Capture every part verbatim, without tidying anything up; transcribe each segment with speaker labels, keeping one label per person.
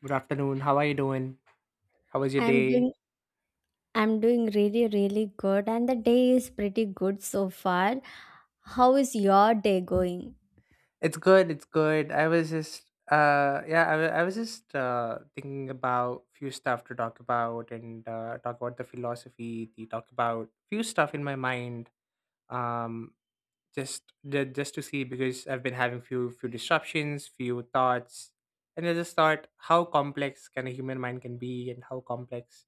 Speaker 1: Good afternoon. How are you doing? How was your
Speaker 2: I'm
Speaker 1: day?
Speaker 2: doing I'm doing really really good, and the day is pretty good so far. How is your day going?
Speaker 1: It's good. It's good. I was just uh yeah, I, wa- I was just uh thinking about few stuff to talk about and uh talk about the philosophy, the talk about few stuff in my mind. Um just ju- just to see, because I've been having few few disruptions, few thoughts. And I just thought how complex can a human mind can be, and how complex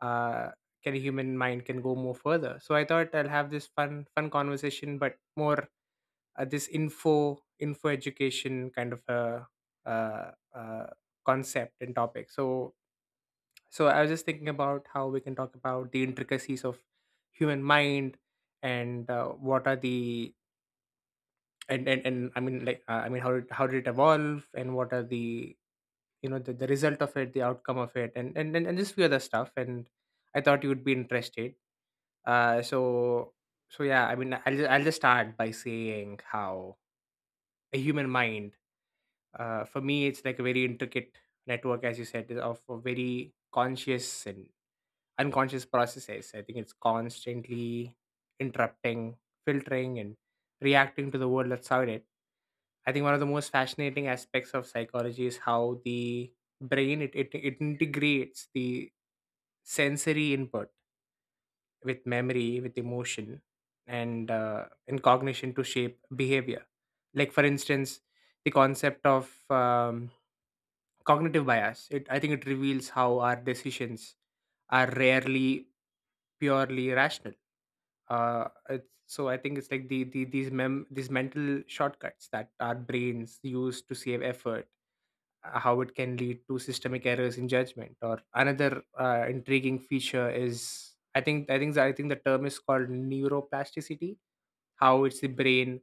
Speaker 1: uh can a human mind can go more further. So I thought I'll have this fun fun conversation, but more uh, this info info education kind of a uh, uh, concept and topic. So so I was just thinking about how we can talk about the intricacies of human mind, and uh, what are the. And, and and I mean, like, uh, i mean how did how did it evolve, and what are the you know the, the result of it, the outcome of it, and and and, and just few other stuff. And I thought you would be interested. Uh so so yeah, I mean, i'll just, I'll just start by saying how a human mind, uh, for me, it's like a very intricate network, as you said, of a very conscious and unconscious processes. I think it's constantly interrupting, filtering, and reacting to the world that's out it. I think one of the most fascinating aspects of psychology is how the brain it, it, it integrates the sensory input with memory, with emotion, and uh, in cognition to shape behavior. Like, for instance, the concept of um, cognitive bias, it I think it reveals how our decisions are rarely purely rational. Uh it's, so I think it's like the, the these mem these mental shortcuts that our brains use to save effort, uh, how it can lead to systemic errors in judgment. Or another uh, intriguing feature is, i think i think I think the term is called neuroplasticity, how it's the brain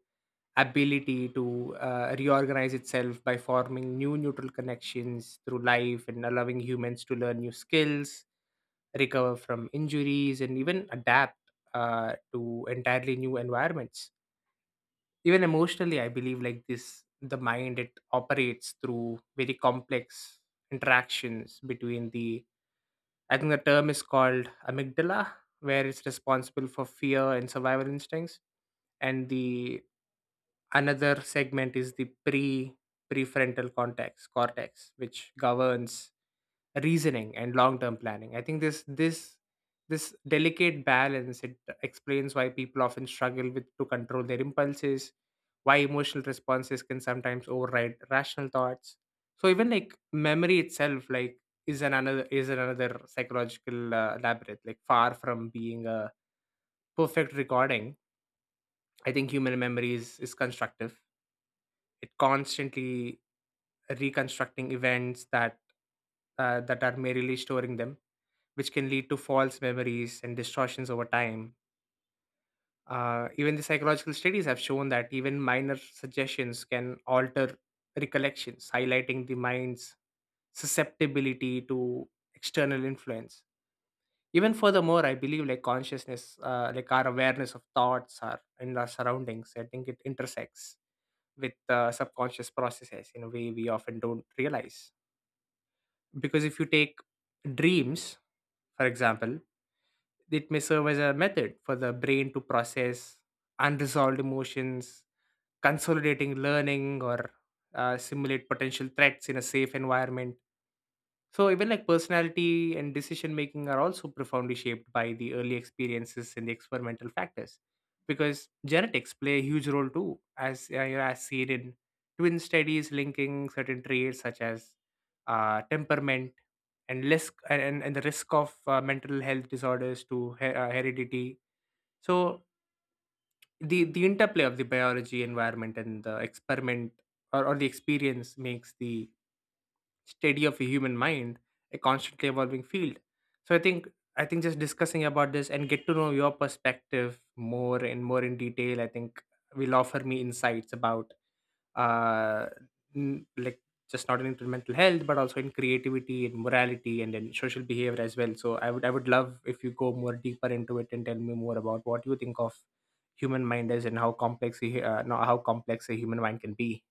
Speaker 1: ability to uh, reorganize itself by forming new neutral connections through life, and allowing humans to learn new skills, recover from injuries, and even adapt uh, to entirely new environments. Even emotionally, I believe like this, the mind it operates through very complex interactions between the. I think the term is called amygdala, where it's responsible for fear and survival instincts, and the. Another segment is the pre prefrontal cortex, cortex, which governs reasoning and long-term planning. I think this this this delicate balance, it explains why people often struggle with to control their impulses, why emotional responses can sometimes override rational thoughts. So even like memory itself, like, is an another is another psychological uh, labyrinth. Like, far from being a perfect recording, I think human memory is, is constructive, it constantly reconstructing events that uh, that are merely storing them, which can lead to false memories and distortions over time. Uh, even the psychological studies have shown that even minor suggestions can alter recollections, highlighting the mind's susceptibility to external influence. Even furthermore, I believe like consciousness, uh, like our awareness of thoughts, our and our surroundings, I think it intersects with uh, subconscious processes in a way we often don't realize. Because if you take dreams, for example, it may serve as a method for the brain to process unresolved emotions, consolidating learning, or uh, simulate potential threats in a safe environment. So even like personality and decision making are also profoundly shaped by the early experiences and the experimental factors, because genetics play a huge role too, as uh, you know, as seen in twin studies linking certain traits such as uh, temperament, and risk and, and and the risk of uh, mental health disorders to he- uh, heredity. So the the interplay of the biology environment and the experiment or, or the experience makes the study of a human mind a constantly evolving field. So I think I think, just discussing about this and get to know your perspective more and more in detail, I think will offer me insights about uh n- like just not only in mental health, but also in creativity and morality and then social behavior as well. So I would I would love if you go more deeper into it and tell me more about what you think of human mind is, and how complex a, hu- uh, no, how complex a human mind can be.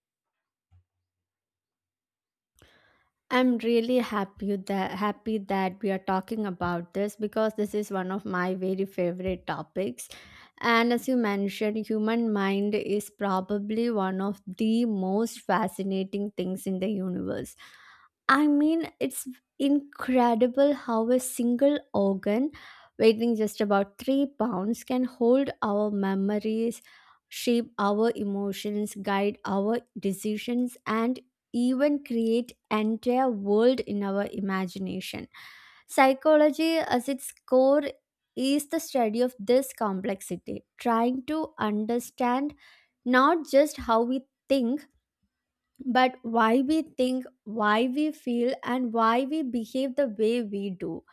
Speaker 2: I'm really happy that happy that we are talking about this, because this is one of my very favorite topics. And as you mentioned, human mind is probably one of the most fascinating things in the universe. I mean, it's incredible how a single organ, weighing just about three pounds, can hold our memories, shape our emotions, guide our decisions, and even create entire world in our imagination. Psychology, as its core, is the study of this complexity, trying to understand not just how we think but why we think, why we feel, and why we behave the way we do.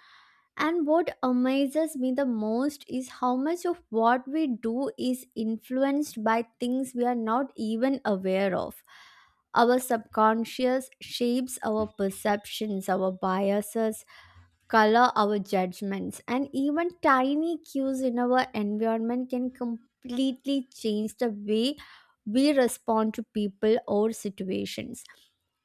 Speaker 2: And what amazes me the most is how much of what we do is influenced by things we are not even aware of. Our subconscious shapes our perceptions, our biases, color our judgments, and even tiny cues in our environment can completely change the way we respond to people or situations.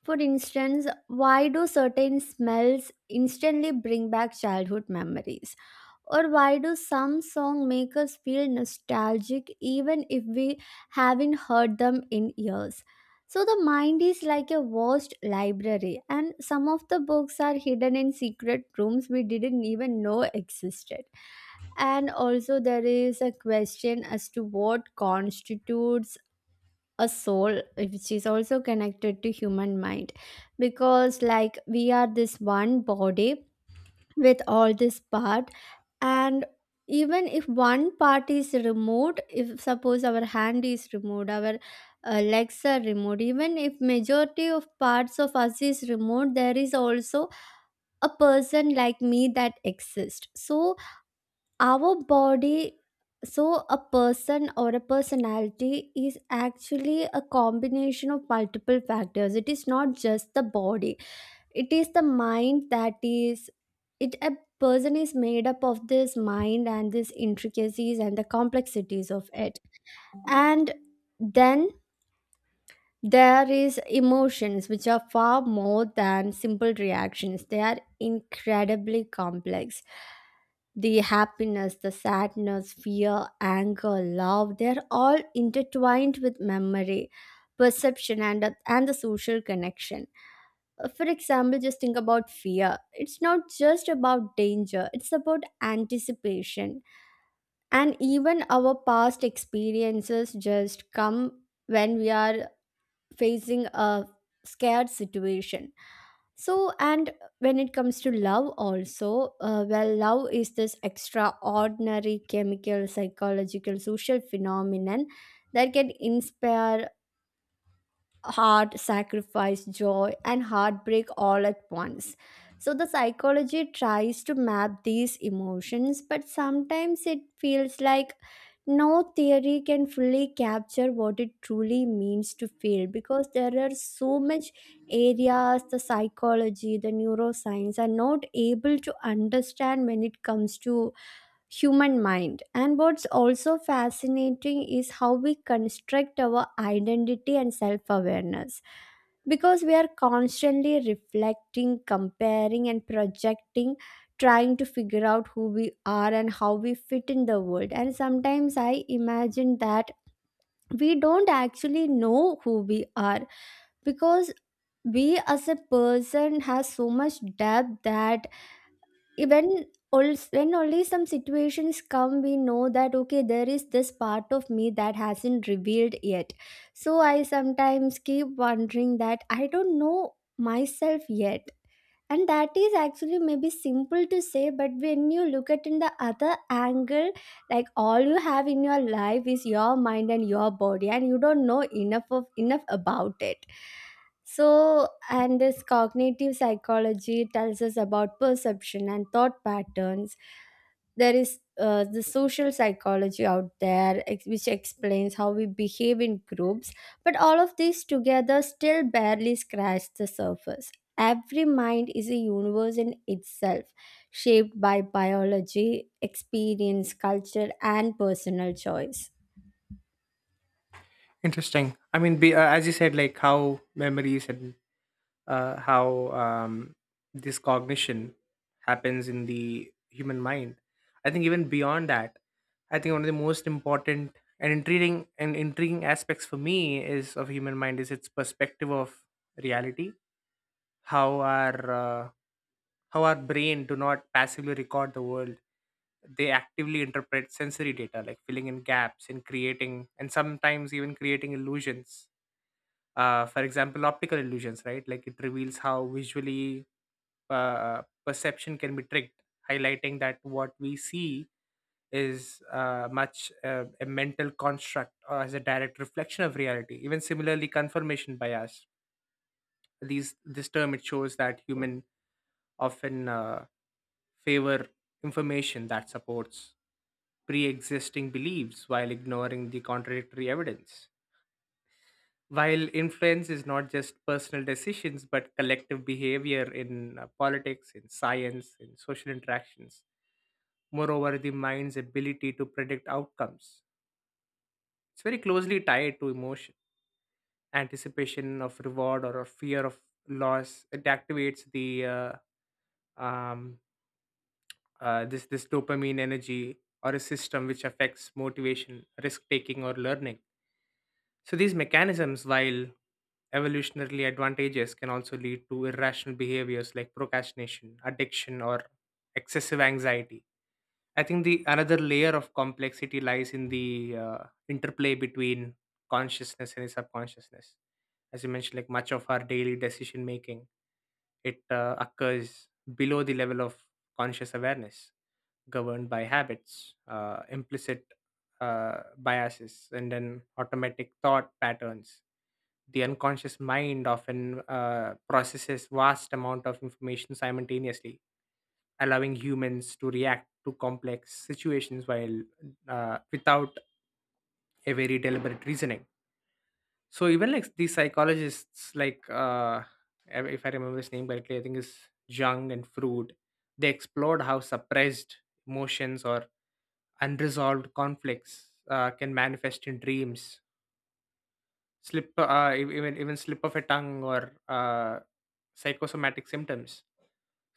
Speaker 2: For instance, why do certain smells instantly bring back childhood memories? Or why do some songs make us feel nostalgic even if we haven't heard them in years? So the mind is like a vast library, and some of the books are hidden in secret rooms we didn't even know existed. And also, there is a question as to what constitutes a soul, which is also connected to human mind, because like we are this one body with all this part, and even if one part is removed, if suppose our hand is removed, our uh, legs are removed, even if majority of parts of us is removed, there is also a person like me that exists. So our body, so a person or a personality is actually a combination of multiple factors. It is not just the body, it is the mind that is it. A person is made up of this mind and these intricacies and the complexities of it. And then there is emotions, which are far more than simple reactions. They are incredibly complex. The happiness, the sadness, fear, anger, love, they're all intertwined with memory, perception, and and the social connection. Uh, For example, just think about fear. It's not just about danger, it's about anticipation. And even our past experiences just come when we are facing a scared situation. So, and when it comes to love, also, uh, well, love is this extraordinary chemical, psychological, social phenomenon that can inspire heart, sacrifice, joy, and heartbreak all at once. So, the psychology tries to map these emotions, but sometimes it feels like no theory can fully capture what it truly means to feel, because there are so much areas the psychology, the neuroscience are not able to understand when it comes to human mind. And what's also fascinating is how we construct our identity and self awareness, because we are constantly reflecting, comparing, and projecting, trying to figure out who we are and how we fit in the world. And sometimes I imagine that we don't actually know who we are, because we as a person has so much depth that when, also when only some situations come, we know that okay, there is this part of me that hasn't revealed yet. So I sometimes keep wondering that I don't know myself yet, and that is actually maybe simple to say, but when you look at in the other angle, like all you have in your life is your mind and your body, and you don't know enough of enough about it. So, and this cognitive psychology tells us about perception and thought patterns. There is uh, the social psychology out there, ex- which explains how we behave in groups, but all of these together still barely scratch the surface. Every mind is a universe in itself, shaped by biology, experience, culture, and personal choice.
Speaker 1: Interesting. I mean, be, uh, as you said, like how memories, and uh, how um, this cognition happens in the human mind. I think even beyond that, I think one of the most important and intriguing and intriguing aspects for me is of human mind is its perspective of reality. How our uh, how our brain do not passively record the world, they actively interpret sensory data, like filling in gaps, and creating, and sometimes even creating illusions. Uh, for example, optical illusions, right, like it reveals how visually uh, perception can be tricked, highlighting that what we see is uh, much uh, a mental construct or as a direct reflection of reality. Even similarly, confirmation bias, these this term, it shows that human often uh, favor information that supports pre-existing beliefs while ignoring the contradictory evidence. While influence is not just personal decisions, but collective behavior in uh, politics, in science, in social interactions. Moreover, the mind's ability to predict outcomes, it's very closely tied to emotion. Anticipation of reward, or of fear of loss, it activates the uh, um, uh, this this dopamine energy or a system, which affects motivation, risk taking, or learning. So these mechanisms, while evolutionarily advantageous, can also lead to irrational behaviors like procrastination, addiction, or excessive anxiety. I think the another layer of complexity lies in the uh, interplay between consciousness and subconsciousness. As you mentioned, like, much of our daily decision making, it uh, occurs below the level of conscious awareness, governed by habits, uh, implicit uh, biases, and then automatic thought patterns. The unconscious mind often uh, processes vast amount of information simultaneously, allowing humans to react to complex situations while uh, without a very deliberate reasoning. So even like these psychologists, like, uh, I- if I remember his name correctly, I think is Jung and Freud. They explored how suppressed emotions or unresolved conflicts uh, can manifest in dreams, slip, uh, e- even even slip of a tongue, or uh, psychosomatic symptoms.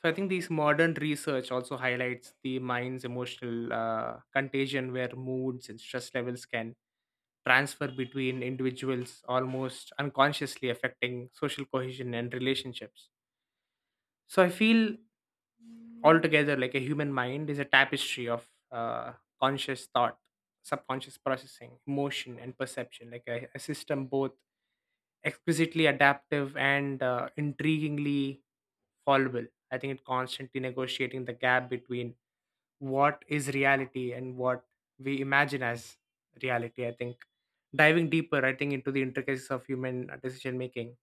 Speaker 1: So I think these modern research also highlights the mind's emotional uh, contagion, where moods and stress levels can transfer between individuals, almost unconsciously affecting social cohesion and relationships. So I feel altogether, like a human mind is a tapestry of uh, conscious thought, subconscious processing, emotion and perception, like a, a system both exquisitely adaptive and uh, intriguingly fallible. I think it constantly negotiating the gap between what is reality and what we imagine as reality. I think Diving deeper, I think into the intricacies of human decision making,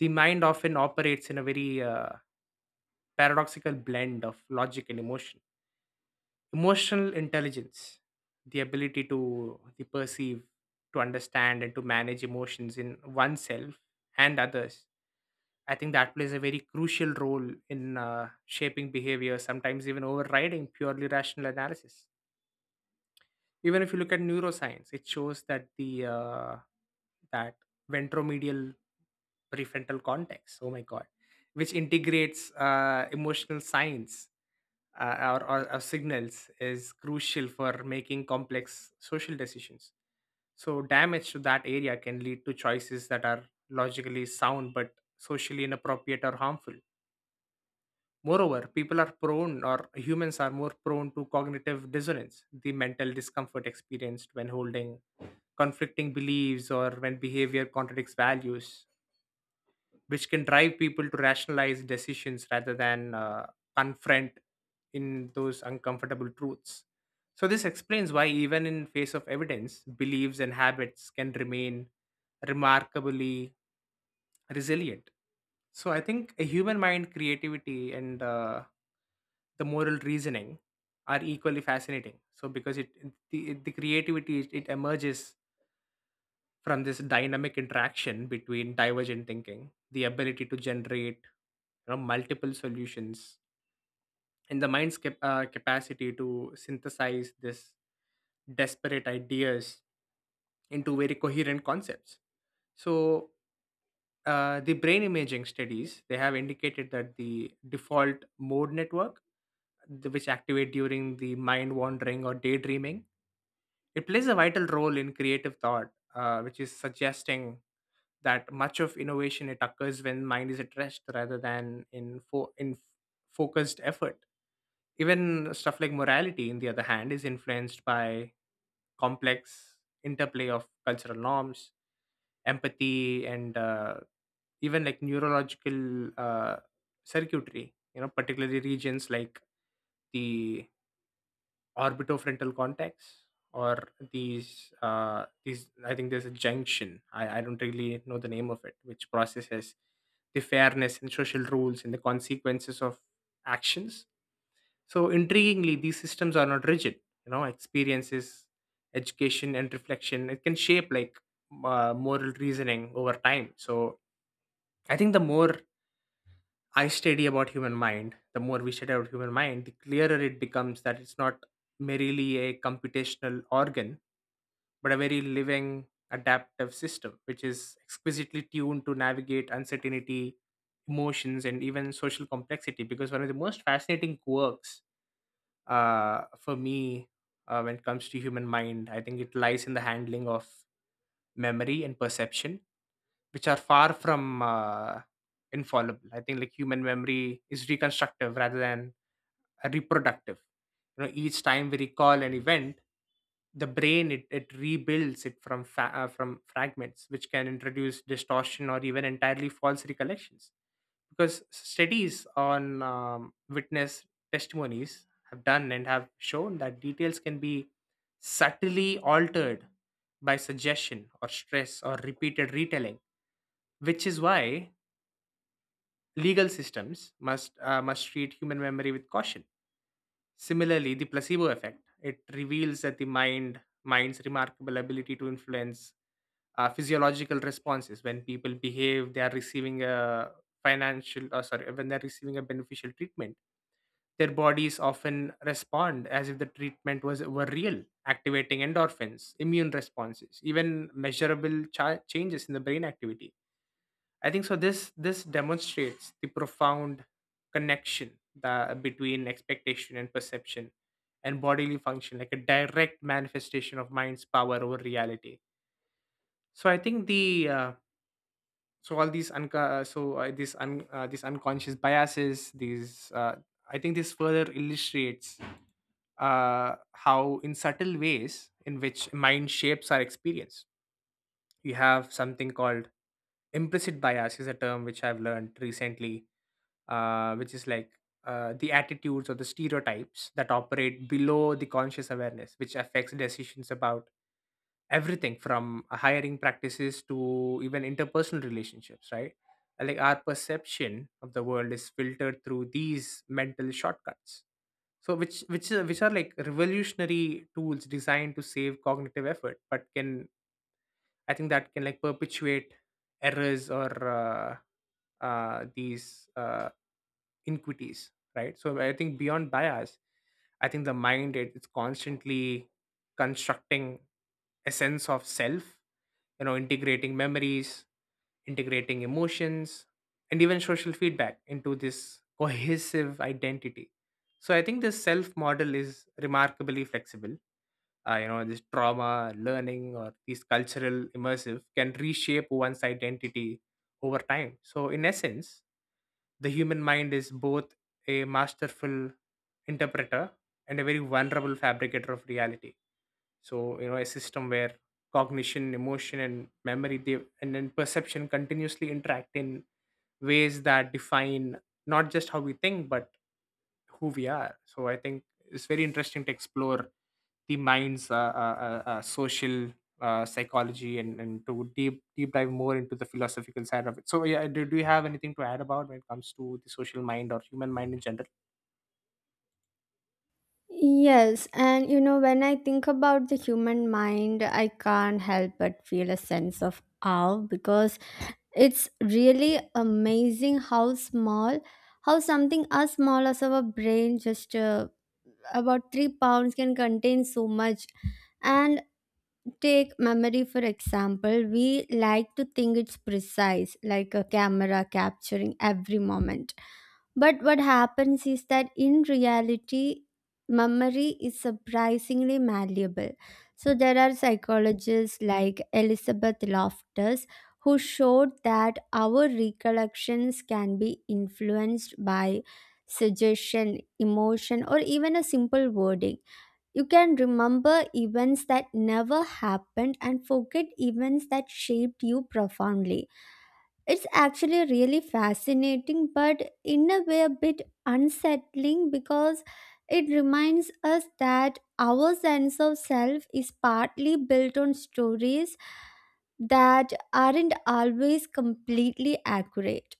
Speaker 1: the mind often operates in a very uh, paradoxical blend of logic and emotion. Emotional intelligence, the ability to the perceive, to understand, and to manage emotions in oneself and others, I think that plays a very crucial role in uh, shaping behavior, sometimes even overriding purely rational analysis. Even if you look at neuroscience, it shows that the uh, that ventromedial prefrontal cortex, oh my god, which integrates uh, emotional signs, uh, or, or, or signals, is crucial for making complex social decisions. So damage to that area can lead to choices that are logically sound but socially inappropriate or harmful. Moreover, people are prone or humans are more prone to cognitive dissonance, the mental discomfort experienced when holding conflicting beliefs or when behavior contradicts values, which can drive people to rationalize decisions rather than uh, confront in those uncomfortable truths. So this explains why even in face of evidence, beliefs and habits can remain remarkably resilient. So I think a human mind creativity and uh, the moral reasoning are equally fascinating. So because it it- the, the creativity it, it emerges from this dynamic interaction between divergent thinking, the ability to generate, you know, multiple solutions, and the mind's cap- uh, capacity to synthesize this desperate ideas into very coherent concepts. So, uh, the brain imaging studies they have indicated that the default mode network, th- which activate during the mind wandering or daydreaming, It plays a vital role in creative thought, uh, which is suggesting that much of innovation it occurs when mind is at rest rather than in fo- in f- focused effort. Even stuff like morality, in the other hand, is influenced by complex interplay of cultural norms, empathy, and uh, even like neurological uh, circuitry. You know, particularly regions like the orbitofrontal cortex or these uh these I think there's a junction I, I don't really know the name of it, which processes the fairness and social rules and the consequences of actions. So intriguingly, these systems are not rigid. You know, experiences, education and reflection, it can shape like uh, moral reasoning over time. So I think the more I study about human mind, the more we study about human mind, the clearer it becomes that it's not merely a computational organ, but a very living, adaptive system, which is exquisitely tuned to navigate uncertainty, emotions, and even social complexity. Because one of the most fascinating quirks uh, for me uh, when it comes to human mind, I think it lies in the handling of memory and perception, which are far from uh, infallible. I think like human memory is reconstructive rather than a reproductive. You know, each time we recall an event, the brain it, it rebuilds it from fa- uh, from fragments, which can introduce distortion or even entirely false recollections. Because studies on um, witness testimonies have done and have shown that details can be subtly altered by suggestion or stress or repeated retelling, which is why legal systems must uh, must treat human memory with caution. Similarly, the placebo effect, it reveals that the mind mind's remarkable ability to influence uh, physiological responses when people behave they are receiving a financial uh, sorry when they're receiving a beneficial treatment, their bodies often respond as if the treatment was were real, activating endorphins, immune responses, even measurable cha- changes in the brain activity, I think so. This this demonstrates the profound connection that between expectation and perception, and bodily function, like a direct manifestation of mind's power over reality. So I think the uh, so all these unca- so uh, these un- uh, these unconscious biases, these uh, I think this further illustrates uh, how in subtle ways in which mind shapes our experience. You have something called implicit bias, is a term which I've learned recently, uh, which is like uh, the attitudes or the stereotypes that operate below the conscious awareness, which affects decisions about everything from hiring practices to even interpersonal relationships, right? And, like our perception of the world is filtered through these mental shortcuts. So, which which are- which are like revolutionary tools designed to save cognitive effort, but can, I think that, can like perpetuate errors or uh, uh, these uh, inequities, right? So I think beyond bias, I think the mind it, it's constantly constructing a sense of self, you know, integrating memories, integrating emotions, and even social feedback into this cohesive identity. So I think this self model is remarkably flexible. Uh, you know, this trauma learning or these cultural immersive can reshape one's identity over time. So in essence, the human mind is both a masterful interpreter and a very vulnerable fabricator of reality. So you know, a system where cognition, emotion and memory they, and then perception continuously interact in ways that define not just how we think but who we are. So I think it's very interesting to explore the mind's uh, uh, uh, uh, social uh, psychology and, and to deep deep dive more into the philosophical side of it. So yeah, do, do you have anything to add about when it comes to the social mind or human mind in general?
Speaker 2: Yes, and you know, when I think about the human mind, I can't help but feel a sense of awe, because it's really amazing how small, how something as small as our brain, just uh, about three pounds, can contain so much. And take memory, for example. We like to think it's precise, like a camera capturing every moment, but what happens is that in reality memory is surprisingly malleable. So there are psychologists like Elizabeth Loftus who showed that our recollections can be influenced by suggestion, emotion, or even a simple wording. You can remember events that never happened and forget events that shaped you profoundly. It's actually really fascinating, but in a way, a bit unsettling, because it reminds us that our sense of self is partly built on stories that aren't always completely accurate.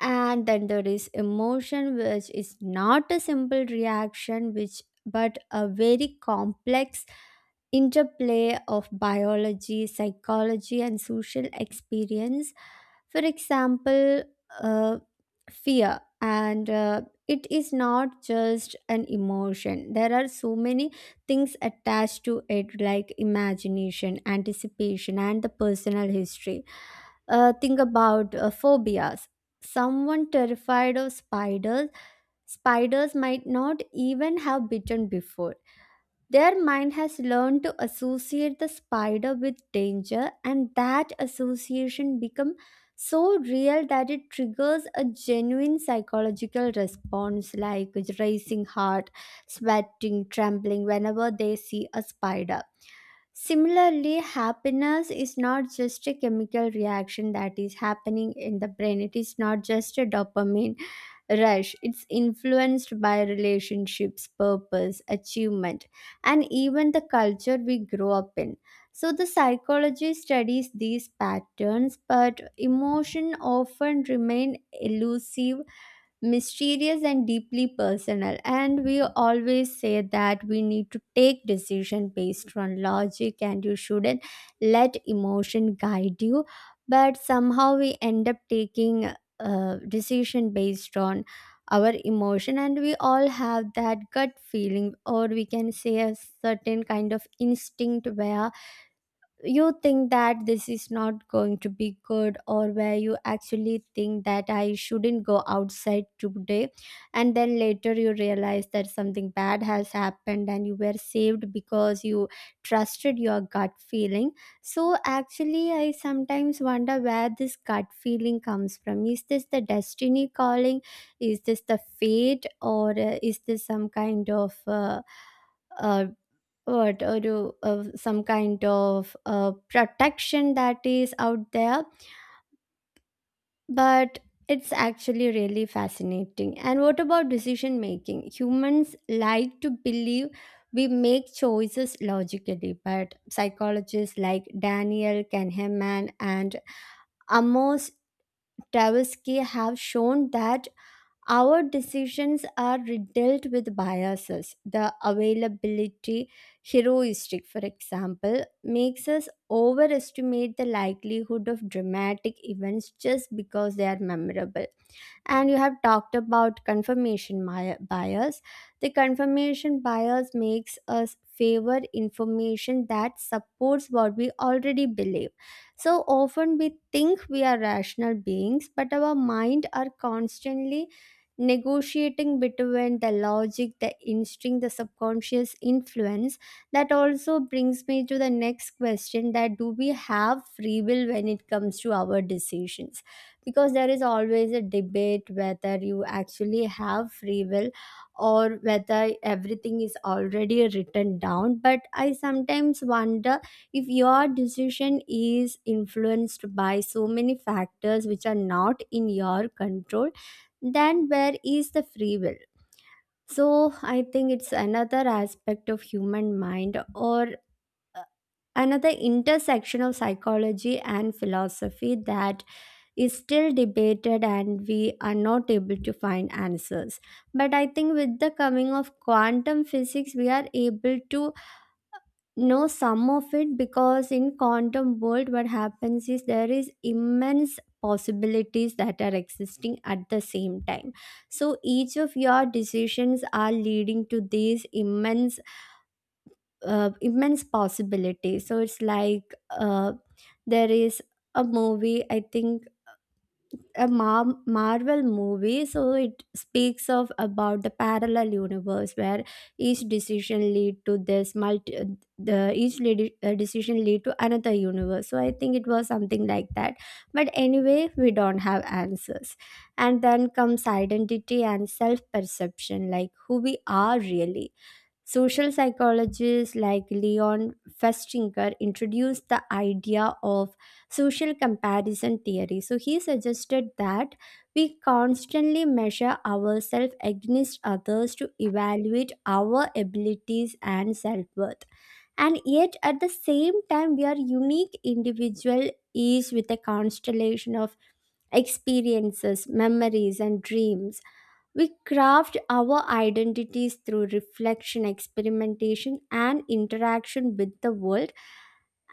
Speaker 2: And then there is emotion, which is not a simple reaction, which but a very complex interplay of biology, psychology, and social experience. For example, uh, fear, and uh, it is not just an emotion. There are so many things attached to it, like imagination, anticipation, and the personal history. Uh, think about uh, phobias. Someone terrified of spiders, spiders might not even have bitten before. Their mind has learned to associate the spider with danger, and that association becomes so real that it triggers a genuine psychological response, like racing heart, sweating, trembling whenever they see a spider. Similarly, happiness is not just a chemical reaction that is happening in the brain. It is not just a dopamine rush. It's influenced by relationships, purpose, achievement, and even the culture we grow up in. So, the psychology studies these patterns, but emotion often remain elusive, mysterious, and deeply personal. And we always say that we need to take decision based on logic and you shouldn't let emotion guide you, but somehow we end up taking a decision based on our emotion. And we all have that gut feeling, or we can say a certain kind of instinct, where you think that this is not going to be good, or where you actually think that I shouldn't go outside today, and then later you realize that something bad has happened and you were saved because you trusted your gut feeling. So actually I sometimes wonder where this gut feeling comes from. Is this the destiny calling? Is this the fate? Or uh, is this some kind of uh, uh, what, or to uh, some kind of uh, protection that is out there? But it's actually really fascinating. And what about decision making? Humans like to believe we make choices logically, but psychologists like Daniel Kahneman and Amos Tversky have shown that our decisions are riddled with biases. The availability heuristic, for example, makes us overestimate the likelihood of dramatic events just because they are memorable. And you have talked about confirmation mi- bias. The confirmation bias makes us favor information that supports what we already believe. So often we think we are rational beings, but our mind are constantly negotiating between the logic, the instinct, the subconscious influence. That also brings me to the next question, that do we have free will when it comes to our decisions? Because there is always a debate whether you actually have free will or whether everything is already written down. But I sometimes wonder, if your decision is influenced by so many factors which are not in your control, then where is the free will? So I think it's another aspect of human mind, or uh, another intersection of psychology and philosophy that is still debated and we are not able to find answers. But I think with the coming of quantum physics, we are able to know some of it, because in quantum world, what happens is there is immense possibilities that are existing at the same time. So each of your decisions are leading to these immense, uh, immense possibilities. So it's like uh, there is a movie, I think a Mar- Marvel movie, so it speaks of about the parallel universe where each decision lead to this multi the each lady, uh, decision lead to another universe. So I think it was something like that. But anyway, we don't have answers. And then comes identity and self perception, like who we are really. Social psychologists like Leon Festinger introduced the idea of social comparison theory. So he suggested that we constantly measure ourselves against others to evaluate our abilities and self worth. And yet, at the same time, we are unique individual, each with a constellation of experiences, memories, and dreams. We craft our identities through reflection, experimentation, and interaction with the world,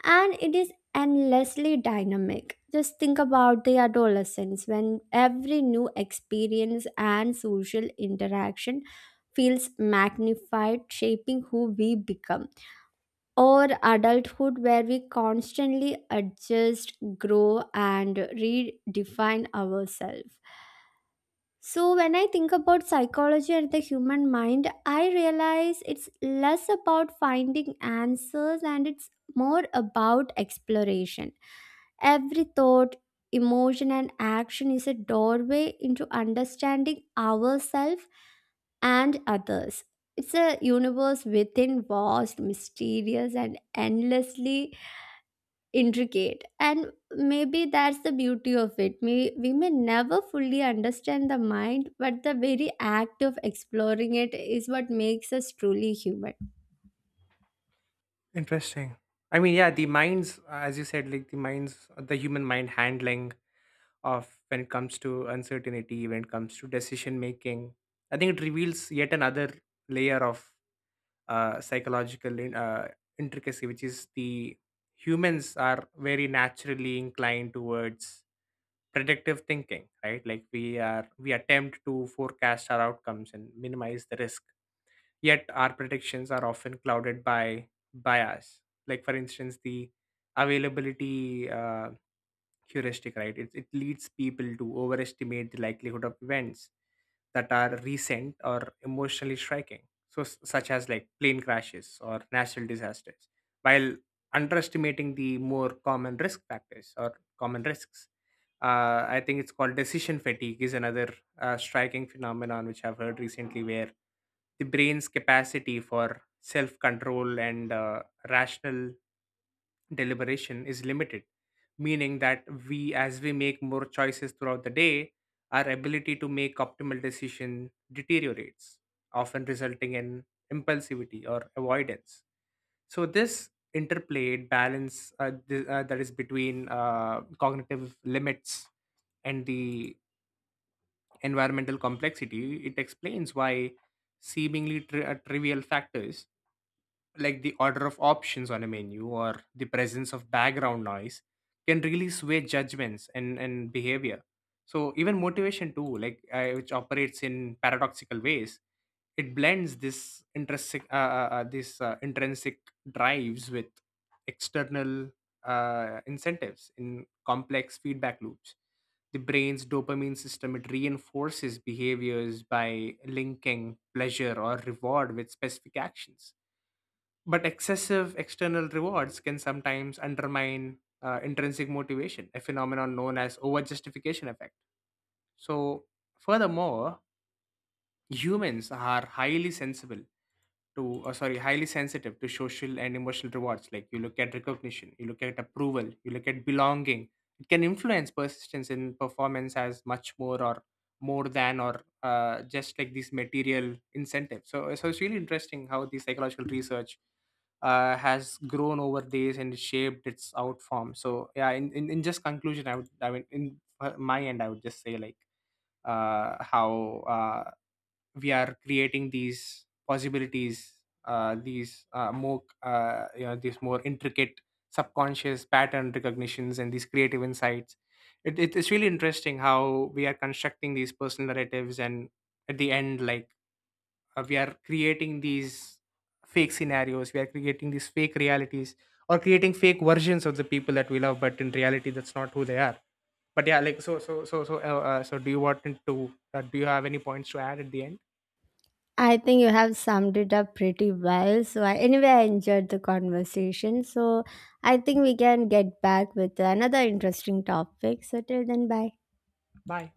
Speaker 2: and it is endlessly dynamic. Just think about the adolescence, when every new experience and social interaction feels magnified, shaping who we become. Or adulthood, where we constantly adjust, grow, and redefine ourselves. So, when I think about psychology and the human mind, I realize it's less about finding answers and it's more about exploration. Every thought, emotion, and action is a doorway into understanding ourselves and others. It's a universe within, vast, mysterious, and endlessly intricate. And maybe that's the beauty of it. We we may never fully understand the mind, but the very act of exploring it is what makes us truly human.
Speaker 1: Interesting. I mean, yeah, the minds, as you said, like the minds, the human mind handling of when it comes to uncertainty, when it comes to decision making. I think it reveals yet another layer of uh, psychological in, uh, intricacy, which is the humans are very naturally inclined towards predictive thinking, right? Like we are we attempt to forecast our outcomes and minimize the risk. Yet our predictions are often clouded by bias. Like for instance, the availability uh, heuristic, right, it, it leads people to overestimate the likelihood of events that are recent or emotionally striking, so s- such as like plane crashes or natural disasters, while underestimating the more common risk factors or common risks. uh, I think it's called decision fatigue, is another uh, striking phenomenon which I've heard recently, where the brain's capacity for self control and uh, rational deliberation is limited, meaning that we, as we make more choices throughout the day, our ability to make optimal decision deteriorates, often resulting in impulsivity or avoidance. So this interplayed balance uh, th- uh, that is between uh, cognitive limits and the environmental complexity, it explains why seemingly tri- uh, trivial factors like the order of options on a menu or the presence of background noise can really sway judgments and, and behavior. So even motivation too, like uh, which operates in paradoxical ways, it blends this intrinsic uh, uh, uh, this uh, intrinsic drives with external uh, incentives in complex feedback loops. The brain's dopamine system, it reinforces behaviors by linking pleasure or reward with specific actions, but excessive external rewards can sometimes undermine uh, intrinsic motivation, a phenomenon known as overjustification effect. So, furthermore, humans are highly sensible to uh, sorry highly sensitive to social and emotional rewards. Like, you look at recognition, you look at approval, you look at belonging, it can influence persistence in performance as much more or more than or uh, just like these material incentives. So so it's really interesting how the psychological research uh, has grown over days and shaped its out form. So yeah, in, in, in just conclusion, I would, I mean, in uh, my end, I would just say like uh, how uh, we are creating these possibilities, uh, these uh, more uh, you know, these more intricate subconscious pattern recognitions and these creative insights. It, it- it's really interesting how we are constructing these personal narratives and at the end like uh, we are creating these fake scenarios, we are creating these fake realities, or creating fake versions of the people that we love, but in reality that's not who they are. But yeah, like, so so so so uh, uh, so do you want to uh, do you have any points to add at the end?
Speaker 2: I think you have summed it up pretty well, so I, anyway, I enjoyed the conversation, so I think we can get back with another interesting topic. So till then, bye.
Speaker 1: Bye.